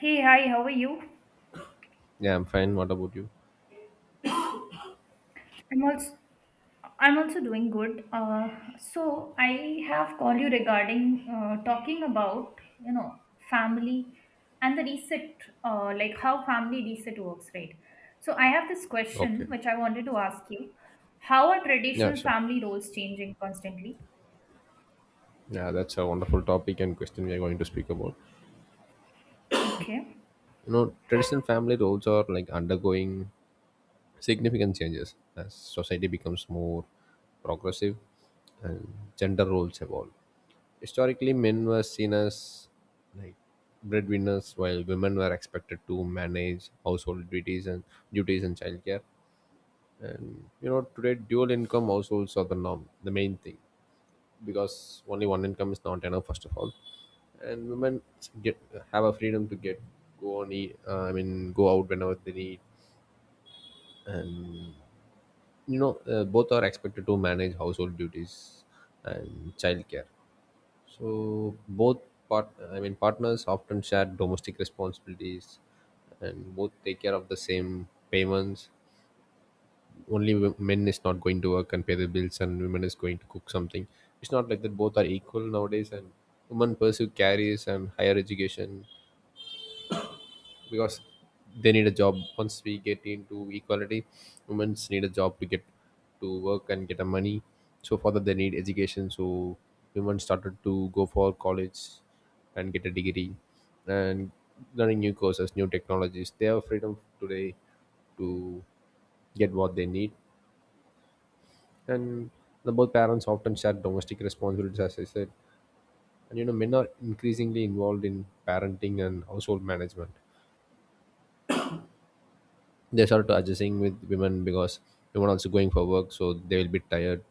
Hey, hi, how are you? Yeah, I'm fine. What about you? I'm also I'm also doing good. So I have called you regarding talking about family and the reset, like how family reset works, right? So I have this question Okay. which I wanted to ask you: How are Yeah, traditional sure. family roles changing constantly? Yeah, that's a wonderful topic and question we are going to speak about. Okay. You know, traditional family roles are like undergoing significant changes as society becomes more progressive and gender roles evolve. Historically, men were seen as like breadwinners, while women were expected to manage household duties and childcare. And you know, today dual income households are the norm, the main thing, because only one income is not enough first of all, and women get have a freedom to get go on e- I mean go out whenever they need. And you know, both are expected to manage household duties and childcare, so both part partners often share domestic responsibilities, and both take care of the same payments. Only men is not going to work and pay the bills and women is going to cook something. It's not like that. Both are equal nowadays, and women pursue careers and higher education because they need a job. Once we get into equality, women need a job to get to work and get a money. So for that they need education. So women started to go for college and get a degree, and learning new courses, new technologies. They have freedom today to get what they need. And the both parents often share domestic responsibilities, as I said. And you know, men are increasingly involved in parenting and household management. They start adjusting with women, because women also going for work, so they will be tired,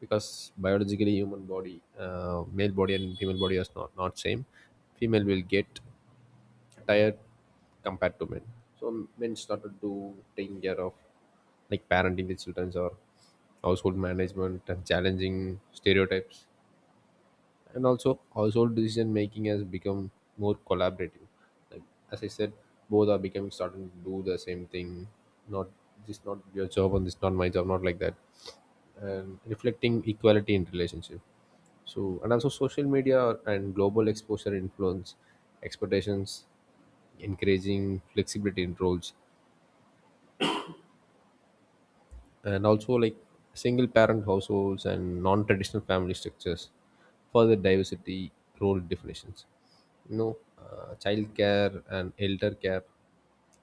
because biologically human body, male body and female body is not same. Female will get tired compared to men. So men started to taking care of like parenting the children or household management, and challenging stereotypes. And also household decision making has become more collaborative. Like, as I said, both are becoming starting to do the same thing. Not this not your job and this not my job, not like that. And reflecting equality in relationship. So, and also social media and global exposure influence expectations, encouraging flexibility in roles. And also like single parent households and non-traditional family structures further diversity role definitions. You know, child care and elder care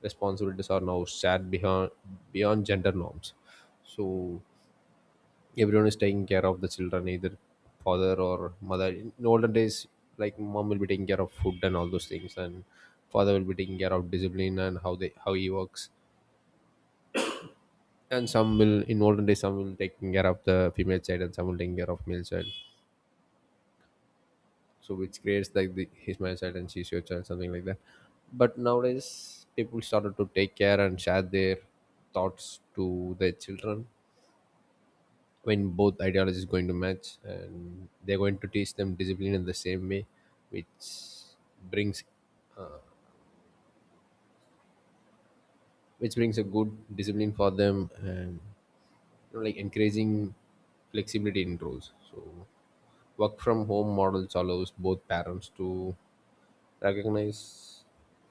responsibilities are now shared beyond gender norms. So everyone is taking care of the children, either father or mother. In olden days, like, mom will be taking care of food and all those things, and father will be taking care of discipline and how they how he works. And some will in olden days, some will taking care of the female child and some will taking care of male child. So which creates like the, his male child and she's your child, something like that. But nowadays people started to take care and share their thoughts to their children. When both ideologies going to match, and they're going to teach them discipline in the same way, which brings brings a good discipline for them. And you know, like, encouraging flexibility in roles. So work from home models allows both parents to recognize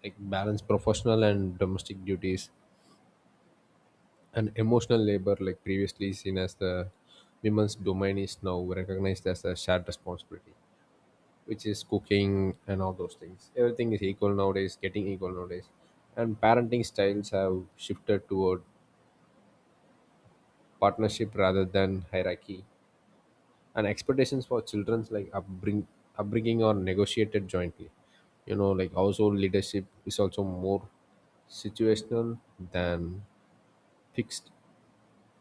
like balance professional and domestic duties. And emotional labor, like, previously seen as the women's domain, is now recognized as a shared responsibility, which is cooking and all those things. Everything is equal nowadays, getting equal nowadays. And parenting styles have shifted toward partnership rather than hierarchy, and expectations for children's upbringing are negotiated jointly. You know, like, household leadership is also more situational than fixed.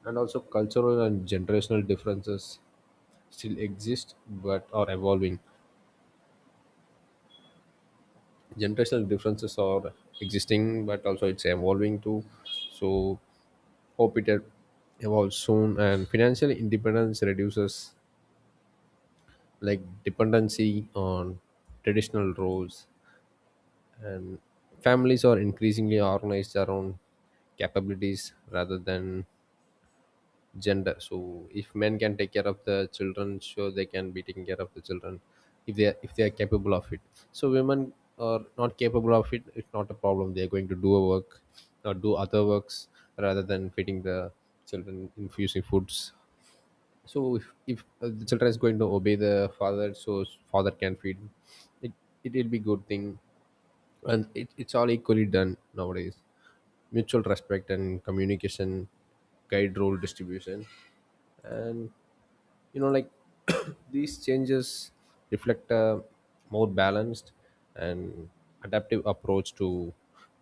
And also cultural and generational differences still exist but are evolving. Generational differences are existing, but also it's evolving too. So hope it evolves soon. And financial independence reduces like dependency on traditional roles. And families are increasingly organized around capabilities rather than gender. So if men can take care of the children, sure, they can be taking care of the children, if they are capable of it. So women are not capable of it, it's not a problem. They are going to do a work or do other works rather than feeding the children, infusing foods. So if the children is going to obey the father, so father can feed it, it will be good thing. And it's all equally done nowadays. Mutual respect and communication guide role distribution. And you know, like, these changes reflect a more balanced and adaptive approach to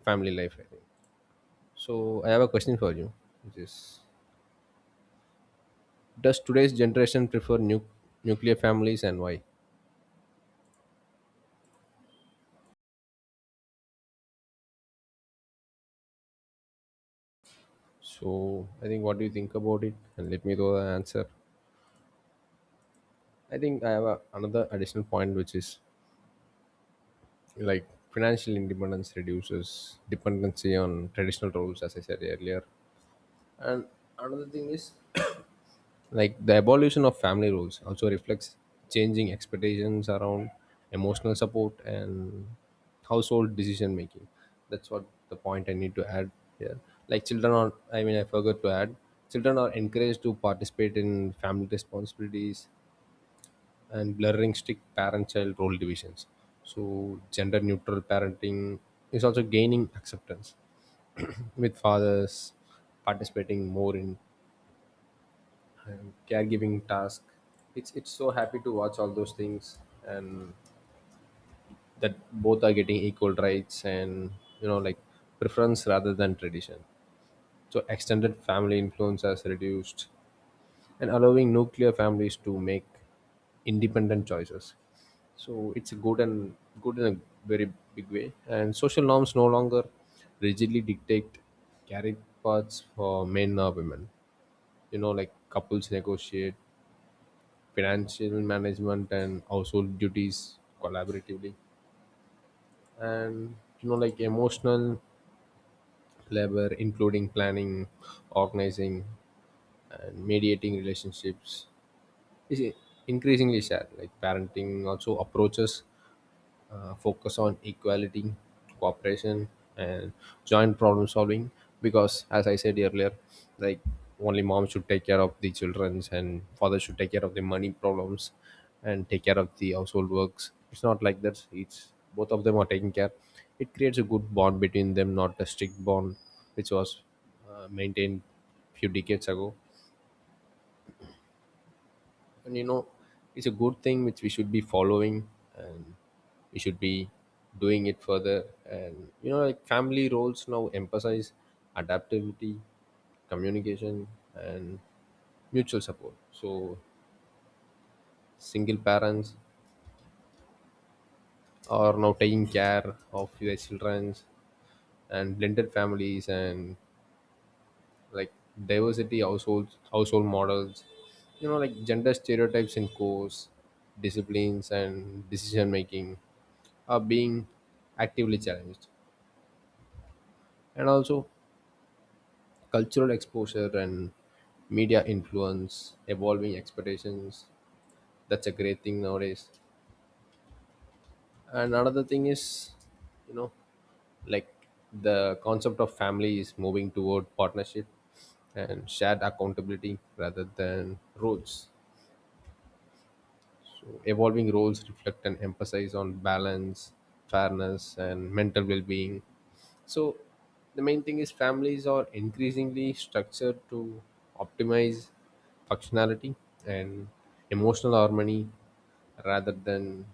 family life, I think. So I have a question for you, which is, does today's generation prefer nuclear families, and why? So I think, what do you think about it, and let me know the answer. I think I have another additional point, which is, like, financial independence reduces dependency on traditional roles, as I said earlier. And another thing is, like, the evolution of family roles also reflects changing expectations around emotional support and household decision making. That's what the point I need to add here. Like, children are I mean I forgot to add, children are encouraged to participate in family responsibilities, and blurring strict parent-child role divisions. So gender-neutral parenting is also gaining acceptance, with fathers participating more in caregiving tasks. It's so happy to watch all those things, and that both are getting equal rights. And you know, like, preference rather than tradition. So extended family influence has reduced, and allowing nuclear families to make independent choices. So it's a good, and good in a very big way. And social norms no longer rigidly dictate career paths for men or women. You know, like, couples negotiate financial management and household duties collaboratively. And you know, like, emotional labor, including planning, organizing, and mediating relationships is increasingly shared. Like parenting also approaches focus on equality, cooperation, and joint problem solving. Because, as I said earlier, like, only mom should take care of the childrens and father should take care of the money problems and take care of the household works. It's not like that. It's both of them are taking care. It creates a good bond between them, not a strict bond, which was maintained few decades ago. And you know, it's a good thing which we should be following, and we should be doing it further. And you know, like, family roles now emphasize adaptability, communication, and mutual support. So single parents are now taking care of their children, and blended families, and like, diversity household models. You know, like, gender stereotypes in course, disciplines and decision making are being actively challenged. And also cultural exposure and media influence evolving expectations. That's a great thing nowadays. And another thing is, you know, like, the concept of family is moving toward partnership and shared accountability rather than rules. So evolving roles reflect an emphasis on balance, fairness, and mental well being. So the main thing is families are increasingly structured to optimize functionality and emotional harmony rather than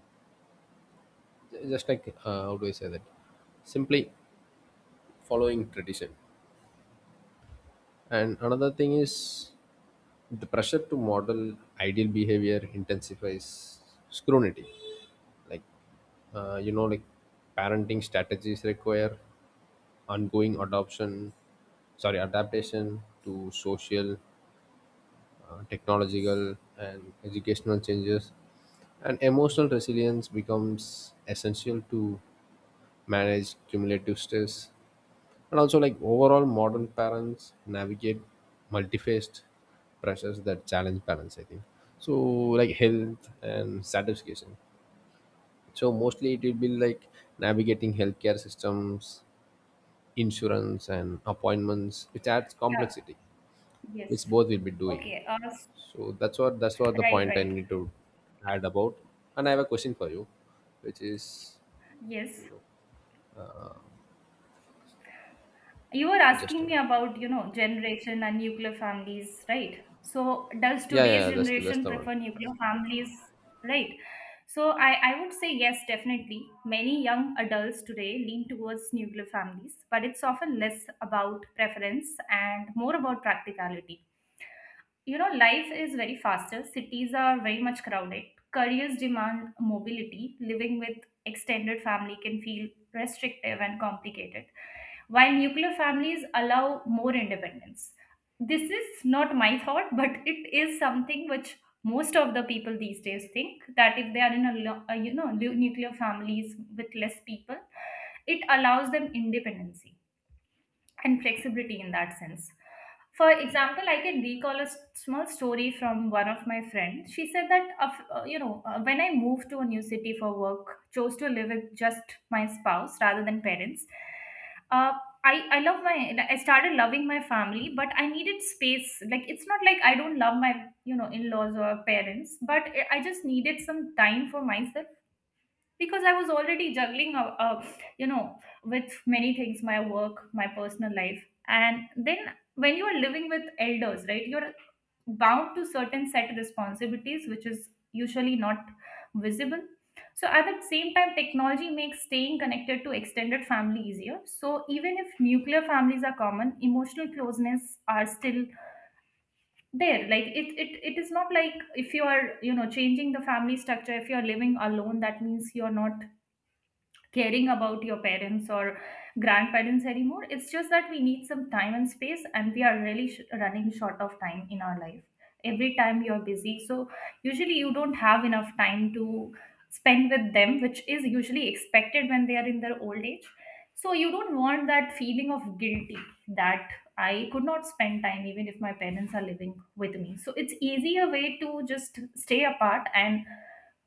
just like, how do I say that? Simply following tradition. And another thing is, the pressure to model ideal behavior intensifies scrutiny. Like, you know, like, parenting strategies require ongoing adoption, sorry, adaptation to social, technological, and educational changes. And emotional resilience becomes essential to manage cumulative stress. And also, like, overall, modern parents navigate multifaceted pressures that challenge balance, I think. So, like, health and satisfaction. So mostly it will be like navigating healthcare systems, insurance, and appointments, which adds Yeah. complexity, which Yes. both will be doing. Okay. So that's what the Right. point I Right. need to add about. And I have a question for you, which is, Yes. you know, You were just a asking me minute. about, you know, generation and nuclear families, right? So, does Yeah, yeah, today's yeah, that's generation the one. prefer nuclear families, right? So, I would say yes, definitely. Many young adults today lean towards nuclear families, but it's often less about preference and more about practicality. You know, life is very faster, cities are very much crowded, careers demand mobility, living with extended family can feel restrictive and complicated, while nuclear families allow more independence. This is not my thought, but it is something which most of the people these days think that if they are in a you know nuclear families with less people, it allows them independency and flexibility in that sense. For example, I can recall a small story from one of my friends. She said that, you know, when I moved to a new city for work, chose to live with just my spouse rather than parents. Uh, I started loving my family, but I needed space. Like, it's not like I don't love my, you know, in-laws or parents, but I just needed some time for myself because I was already juggling you know, with many things, my work, my personal life. And then when you are living with elders, right, you're bound to certain set responsibilities which is usually not visible. So at the same time, technology makes staying connected to extended family easier, so even if nuclear families are common, emotional closeness are still there. Like it it is not like if you are, you know, changing the family structure, if you are living alone, that means you're not caring about your parents or grandparents anymore. It's just that we need some time and space, and we are really running short of time in our life. Every time you're busy, so usually you don't have enough time to spend with them, which is usually expected when they are in their old age. So you don't want that feeling of guilty that I could not spend time even if my parents are living with me. So it's easier way to just stay apart and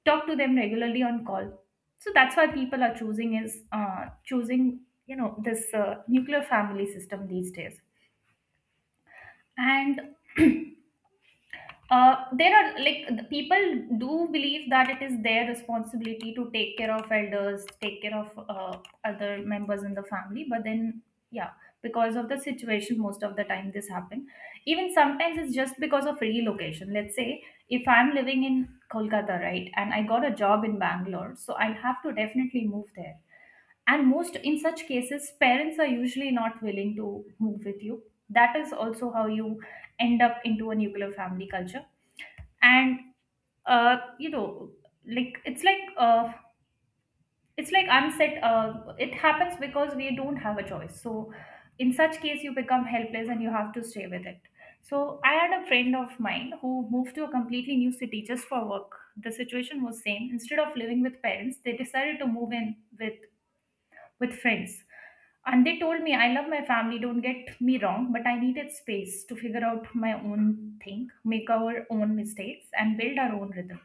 talk to them regularly on call. So that's why people are choosing is choosing, you know, this nuclear family system these days. And there are, like, the people do believe that it is their responsibility to take care of elders, take care of other members in the family, but then, yeah, because of the situation most of the time this happen. Even sometimes it's just because of relocation. Let's say if I'm living in Kolkata, right, and I got a job in Bangalore, so I'll have to definitely move there, and most in such cases parents are usually not willing to move with you. That is also how you end up into a nuclear family culture. And you know, like it's like it's like unset, it happens because we don't have a choice. So in such case you become helpless and you have to stay with it. So I had a friend of mine who moved to a completely new city just for work. The situation was same, instead of living with parents they decided to move in with friends. And they told me, I love my family, don't get me wrong, but I needed space to figure out my own thing, make our own mistakes, and build our own rhythm.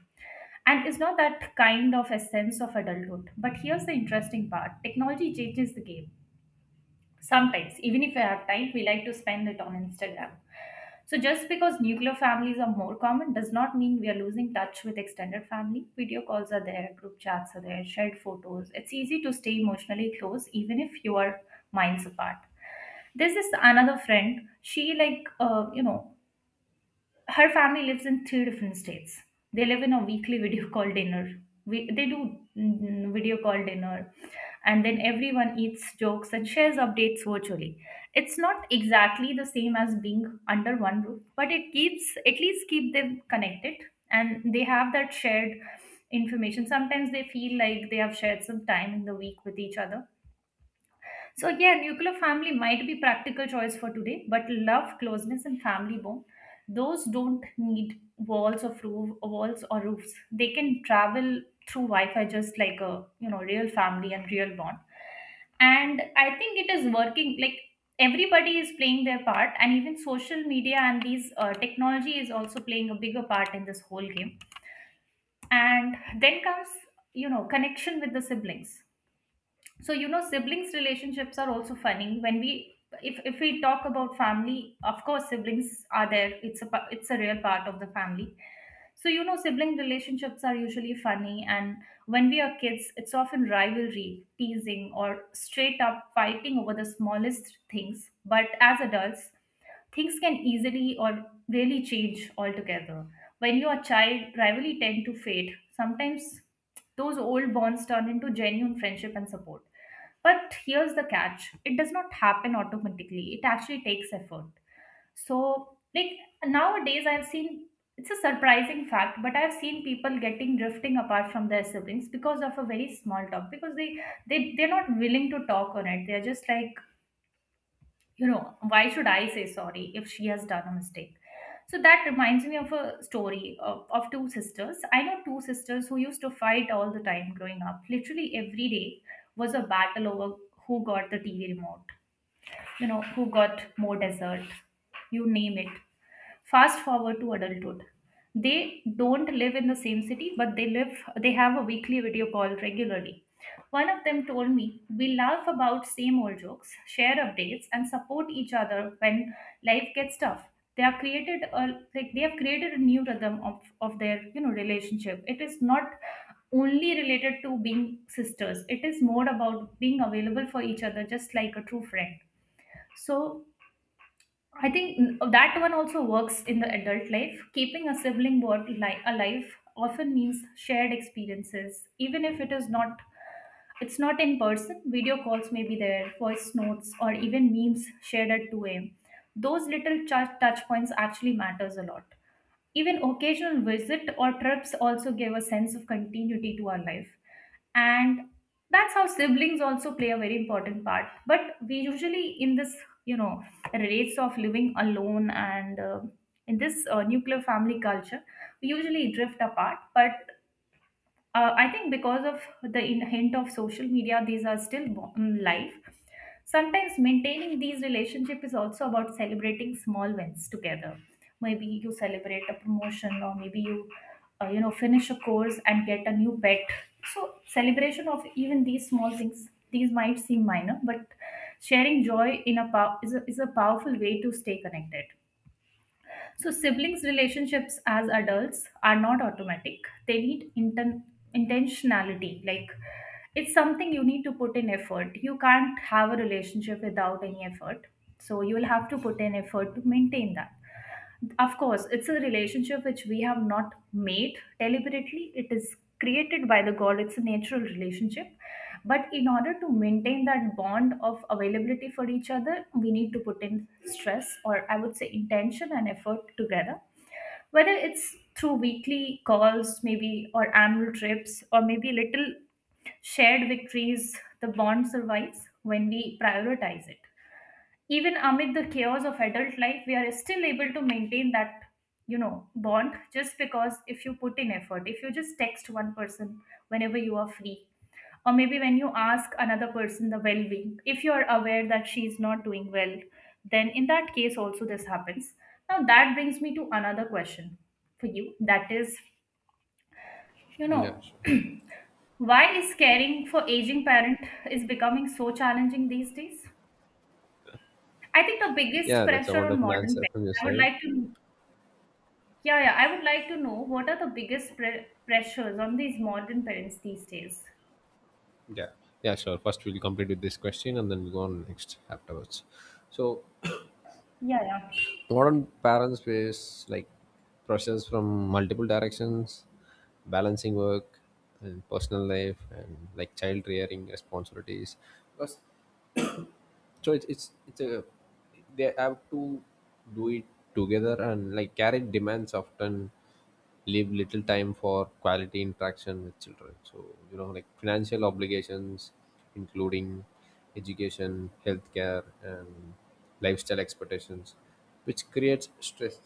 And it's not that kind of a sense of adulthood. But here's the interesting part, technology changes the game. Sometimes, even if we have time, we like to spend it on Instagram. So, just because nuclear families are more common does not mean we are losing touch with extended family. Video calls are there, group chats are there, shared photos. It's easy to stay emotionally close even if you are miles apart. There's this another friend. She like you know, her family lives in three different states. They live in a weekly video call dinner. They do mm, video call dinner, and then everyone eats jokes and shares updates virtually. It's not exactly the same as being under one roof, but it keeps at least keep them connected, and they have that shared information. Sometimes they feel like they have shared some time in the week with each other. So yeah, nuclear family might be practical choice for today, but love, closeness, and family bond, those don't need walls of roof, walls or roofs. They can travel through Wi-Fi just like a, you know, real family and real bond. And I think it is working. Like everybody is playing their part, and even social media and these technology is also playing a bigger part in this whole game. And then comes, you know, connection with the siblings. So you know, siblings relationships are also funny when we, if we talk about family, of course siblings are there, it's a it's a real part of the family. So you know, sibling relationships are usually funny, and when we are kids it's often rivalry, teasing, or straight up fighting over the smallest things, but as adults things can easily or really change altogether. When you're a child, rivalry tend to fade. Sometimes those old bonds turn into genuine friendship and support. But here's the catch, it does not happen automatically, it actually takes effort. So, like, nowadays, I've seen, it's a surprising fact, but I've seen people getting drifting apart from their siblings because of a very small talk because they're not willing to talk on it. They're just like, you know, why should I say sorry if she has done a mistake? So that reminds me of a story of two sisters. I know two sisters who used to fight all the time growing up. Literally every day was a battle over who got the TV remote, you know, who got more dessert, you name it. Fast forward to adulthood, they don't live in the same city but they have a weekly video call regularly. One of them told me, we laugh about same old jokes, share updates, and support each other when life gets tough. They are created a Like they have created a new rhythm of their, you know, relationship. It is not only related to being sisters, it is more about being available for each other just like a true friend. So I think that one also works in the adult life. Keeping a sibling bond alive often means shared experiences, even if it is not. It's not in person. Video calls may be there, voice notes, or even memes shared at 2 a.m. Those little touch points actually matters a lot. Even occasional visit or trips also give a sense of continuity to our life. And that's how siblings also play a very important part. But we usually in this, you know, rates of living alone and in this nuclear family culture, we usually drift apart. But I think because of the hint of social media, these are still live. Sometimes maintaining these relationships is also about celebrating small wins together. Maybe you celebrate a promotion, or maybe you, you know, finish a course and get a new pet. So celebration of even these small things. These might seem minor, but sharing joy in a is a powerful way to stay connected. So, siblings' relationships as adults are not automatic. They need intentionality. Like, it's something you need to put in effort. You can't have a relationship without any effort. So, you will have to put in effort to maintain that. Of course, it's a relationship which we have not made deliberately. It is created by the God, it's a natural relationship. But in order to maintain that bond of availability for each other, we need to put in stress, or I would say intention and effort together. Whether it's through weekly calls, maybe, or annual trips, or maybe little shared victories, the bond survives when we prioritize it, even amid the chaos of adult life we are still able to maintain that, you know, bond, just because if you put in effort, if you just text one person whenever you are free, or maybe when you ask another person the well-being if you are aware that she is not doing well, then in that case also this happens. Now that brings me to another question for you, that is, you Yeah, know, sure. why is caring for aging parent is becoming so challenging these days? I think the biggest Yeah, that's a pressure on wonderful modern answer parents, from your I would side. like to, yeah, yeah, I would like to know what are the biggest pressures on these modern parents these days? Yeah, yeah, sure. First, we'll complete with this question, and then we'll go on next afterwards. So Yeah, yeah, modern parents face like pressures from multiple directions, balancing work and personal life, and like child rearing responsibilities. Because, so it's a, they have to do it together. And like carrot demands often leave little time for quality interaction with children. So you know, like, financial obligations including education, healthcare, and lifestyle expectations, which creates stress.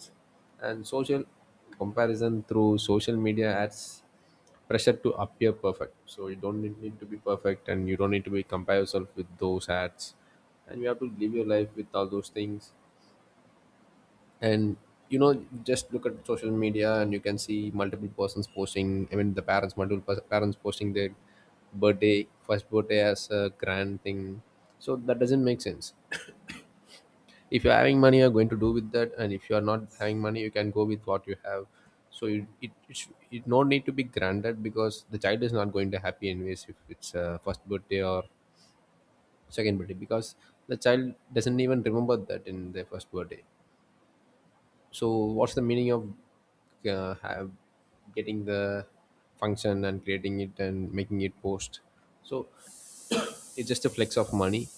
And social comparison through social media adds pressure to appear perfect. So you don't need to be perfect, and you don't need to be compare yourself with those hats, and you have to live your life with all those things. And you know, just look at social media, and you can see multiple persons posting. I mean, the parents, multiple parents posting their birthday, first birthday as a grand thing. So that doesn't make sense. If you're having money, you're going to do with that, and if you are not having money, you can go with what you have. So you, it, sh- it no need to be granted because the child is not going to happy anyways if it's first birthday or second birthday, because the child doesn't even remember that in their first birthday. So what's the meaning of have getting the function and creating it and making it post? So it's just a flex of money.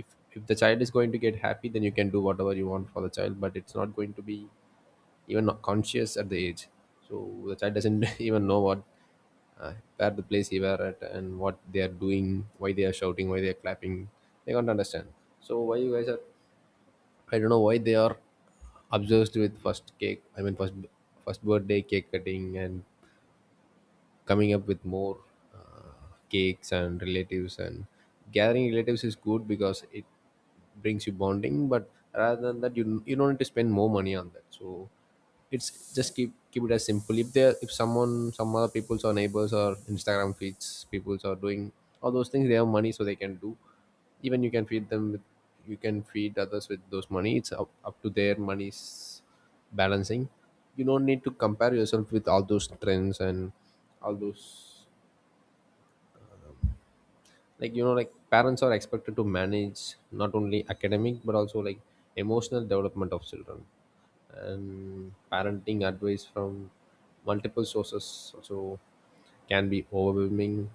if if the child is going to get happy, then you can do whatever you want for the child, but it's not going to be even not conscious at the age. So the child doesn't even know what, where the place he were at and what they are doing, why they are shouting, why they are clapping. They can't understand. So why you guys are, I don't know why they are obsessed with first cake, I mean first birthday cake cutting, and coming up with more cakes and relatives. And gathering relatives is good because it brings you bonding, but rather than that, you don't need to spend more money on that. So it's just keep it as simple. If there, if someone, some other people's or neighbors or Instagram feeds people's are doing all those things, they have money so they can do. Even you can feed them with, you can feed others with those money. It's up to their money's balancing. You don't need to compare yourself with all those trends and all those, like you know, like parents are expected to manage not only academic but also like emotional development of children. And parenting advice from multiple sources also can be overwhelming.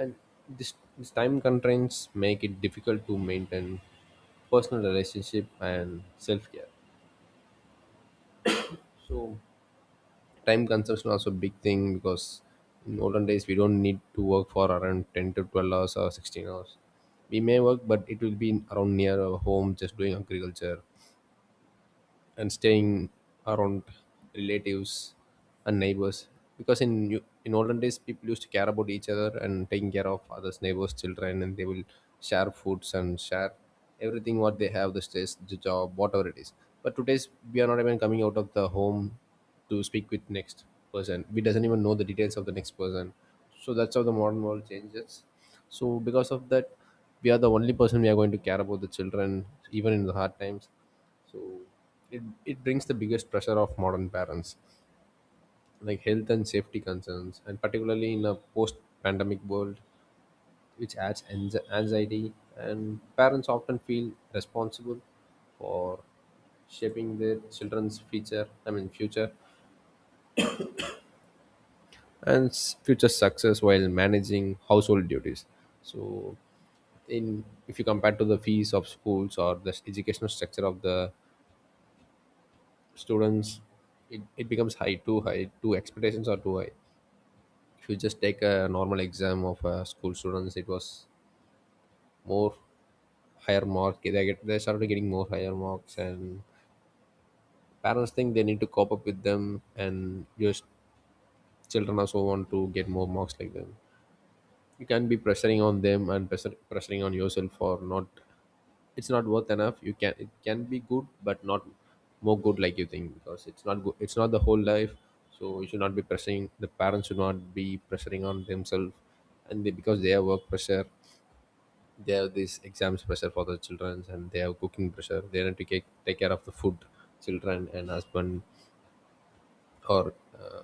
And this time constraints make it difficult to maintain personal relationship and self-care. So time consumption also big thing, because in olden days we don't need to work for around 10 to 12 hours or 16 hours. We may work, but it will be around near our home, just doing agriculture and staying around relatives and neighbors, because in olden days people used to care about each other and taking care of others neighbors children, and they will share foods and share everything what they have, the stress, the job, whatever it is. But today's, we are not even coming out of the home to speak with next person. We doesn't even know the details of the next person. So that's how the modern world changes. So because of that, we are the only person, we are going to care about the children even in the hard times. So it brings the biggest pressure of modern parents, like health and safety concerns, and particularly in a post pandemic world, which adds anxiety. And parents often feel responsible for shaping their children's future, I mean, future future success while managing household duties. So, in if you compare to the fees of schools or the educational structure of the students, it becomes high, too high, too, expectations are too high. If you just take a normal exam of school students, it was more higher mark they get, they started getting more higher marks, and parents think they need to cope up with them, and your children also want to get more marks like them. You can be pressuring on them and pressuring on yourself for not, it's not worth enough. You can, it can be good but not more good like you think, because it's not good, it's not the whole life. So you should not be pressing, the parents should not be pressuring on themselves. And because they have work pressure, they have this exams pressure for the children, and they have cooking pressure. They need to take care of the food, children and husband, or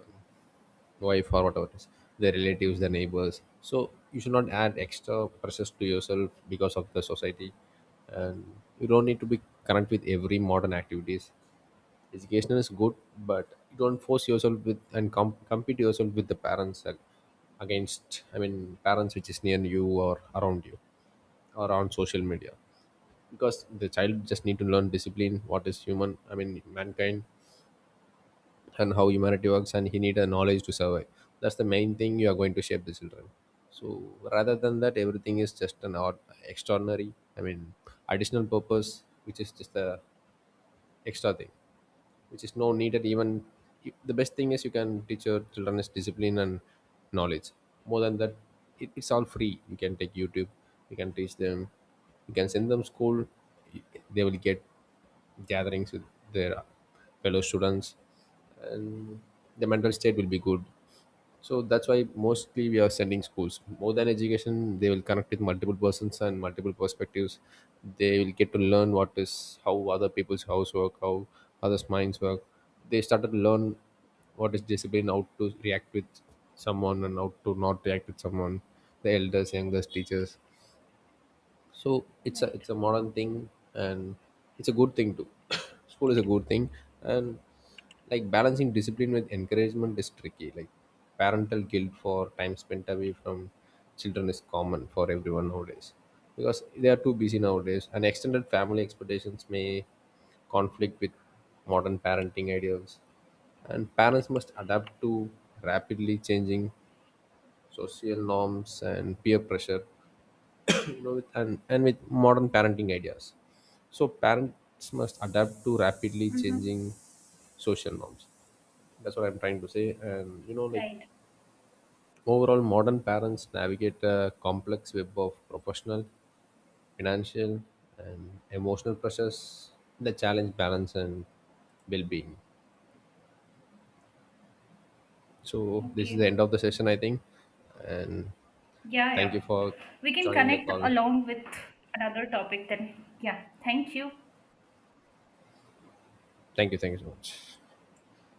wife or whatever it is, their relatives, their neighbors. So you should not add extra pressures to yourself because of the society. And you don't need to be current with every modern activities. Education is good, but you don't force yourself with and compete yourself with the parents and against, I mean parents which is near you or around you or on social media. Because the child just need to learn discipline, what is human, I mean mankind, and how humanity works, and he need a knowledge to survive. That's the main thing. You are going to shape the children. So rather than that, everything is just an odd extraordinary, I mean additional purpose, which is just a extra thing, which is no needed. Even the best thing is you can teach your children is discipline and knowledge. More than that, it's all free. You can take YouTube, you can teach them, you can send them school. They will get gatherings with their fellow students, and the mental state will be good. So that's why mostly we are sending schools. More than education, they will connect with multiple persons and multiple perspectives. They will get to learn what is, how other people's house work, how others minds work. They started to learn what is discipline, how to react with someone and how to not react with someone, the elders, youngest, teachers. So it's a right. it's a modern thing, and it's a good thing too. School is a good thing. And like balancing discipline with encouragement is tricky. Like parental guilt for time spent away from children is common for everyone nowadays, because they are too busy nowadays, and extended family expectations may conflict with modern parenting ideas. And parents must adapt to rapidly changing social norms and peer pressure, you know, with and with modern parenting ideas. So parents must adapt to rapidly Mm-hmm. changing social norms. That's what I'm trying to say. And you know, like, Right. overall, modern parents navigate a complex web of professional, financial, and emotional pressures that challenge balance and well-being. So this is the Okay. end of the session, I think. And Yeah, thank yeah. you for We can joining the connect call. along with another topic then. Yeah. Thank you. Thank you, thank you so much.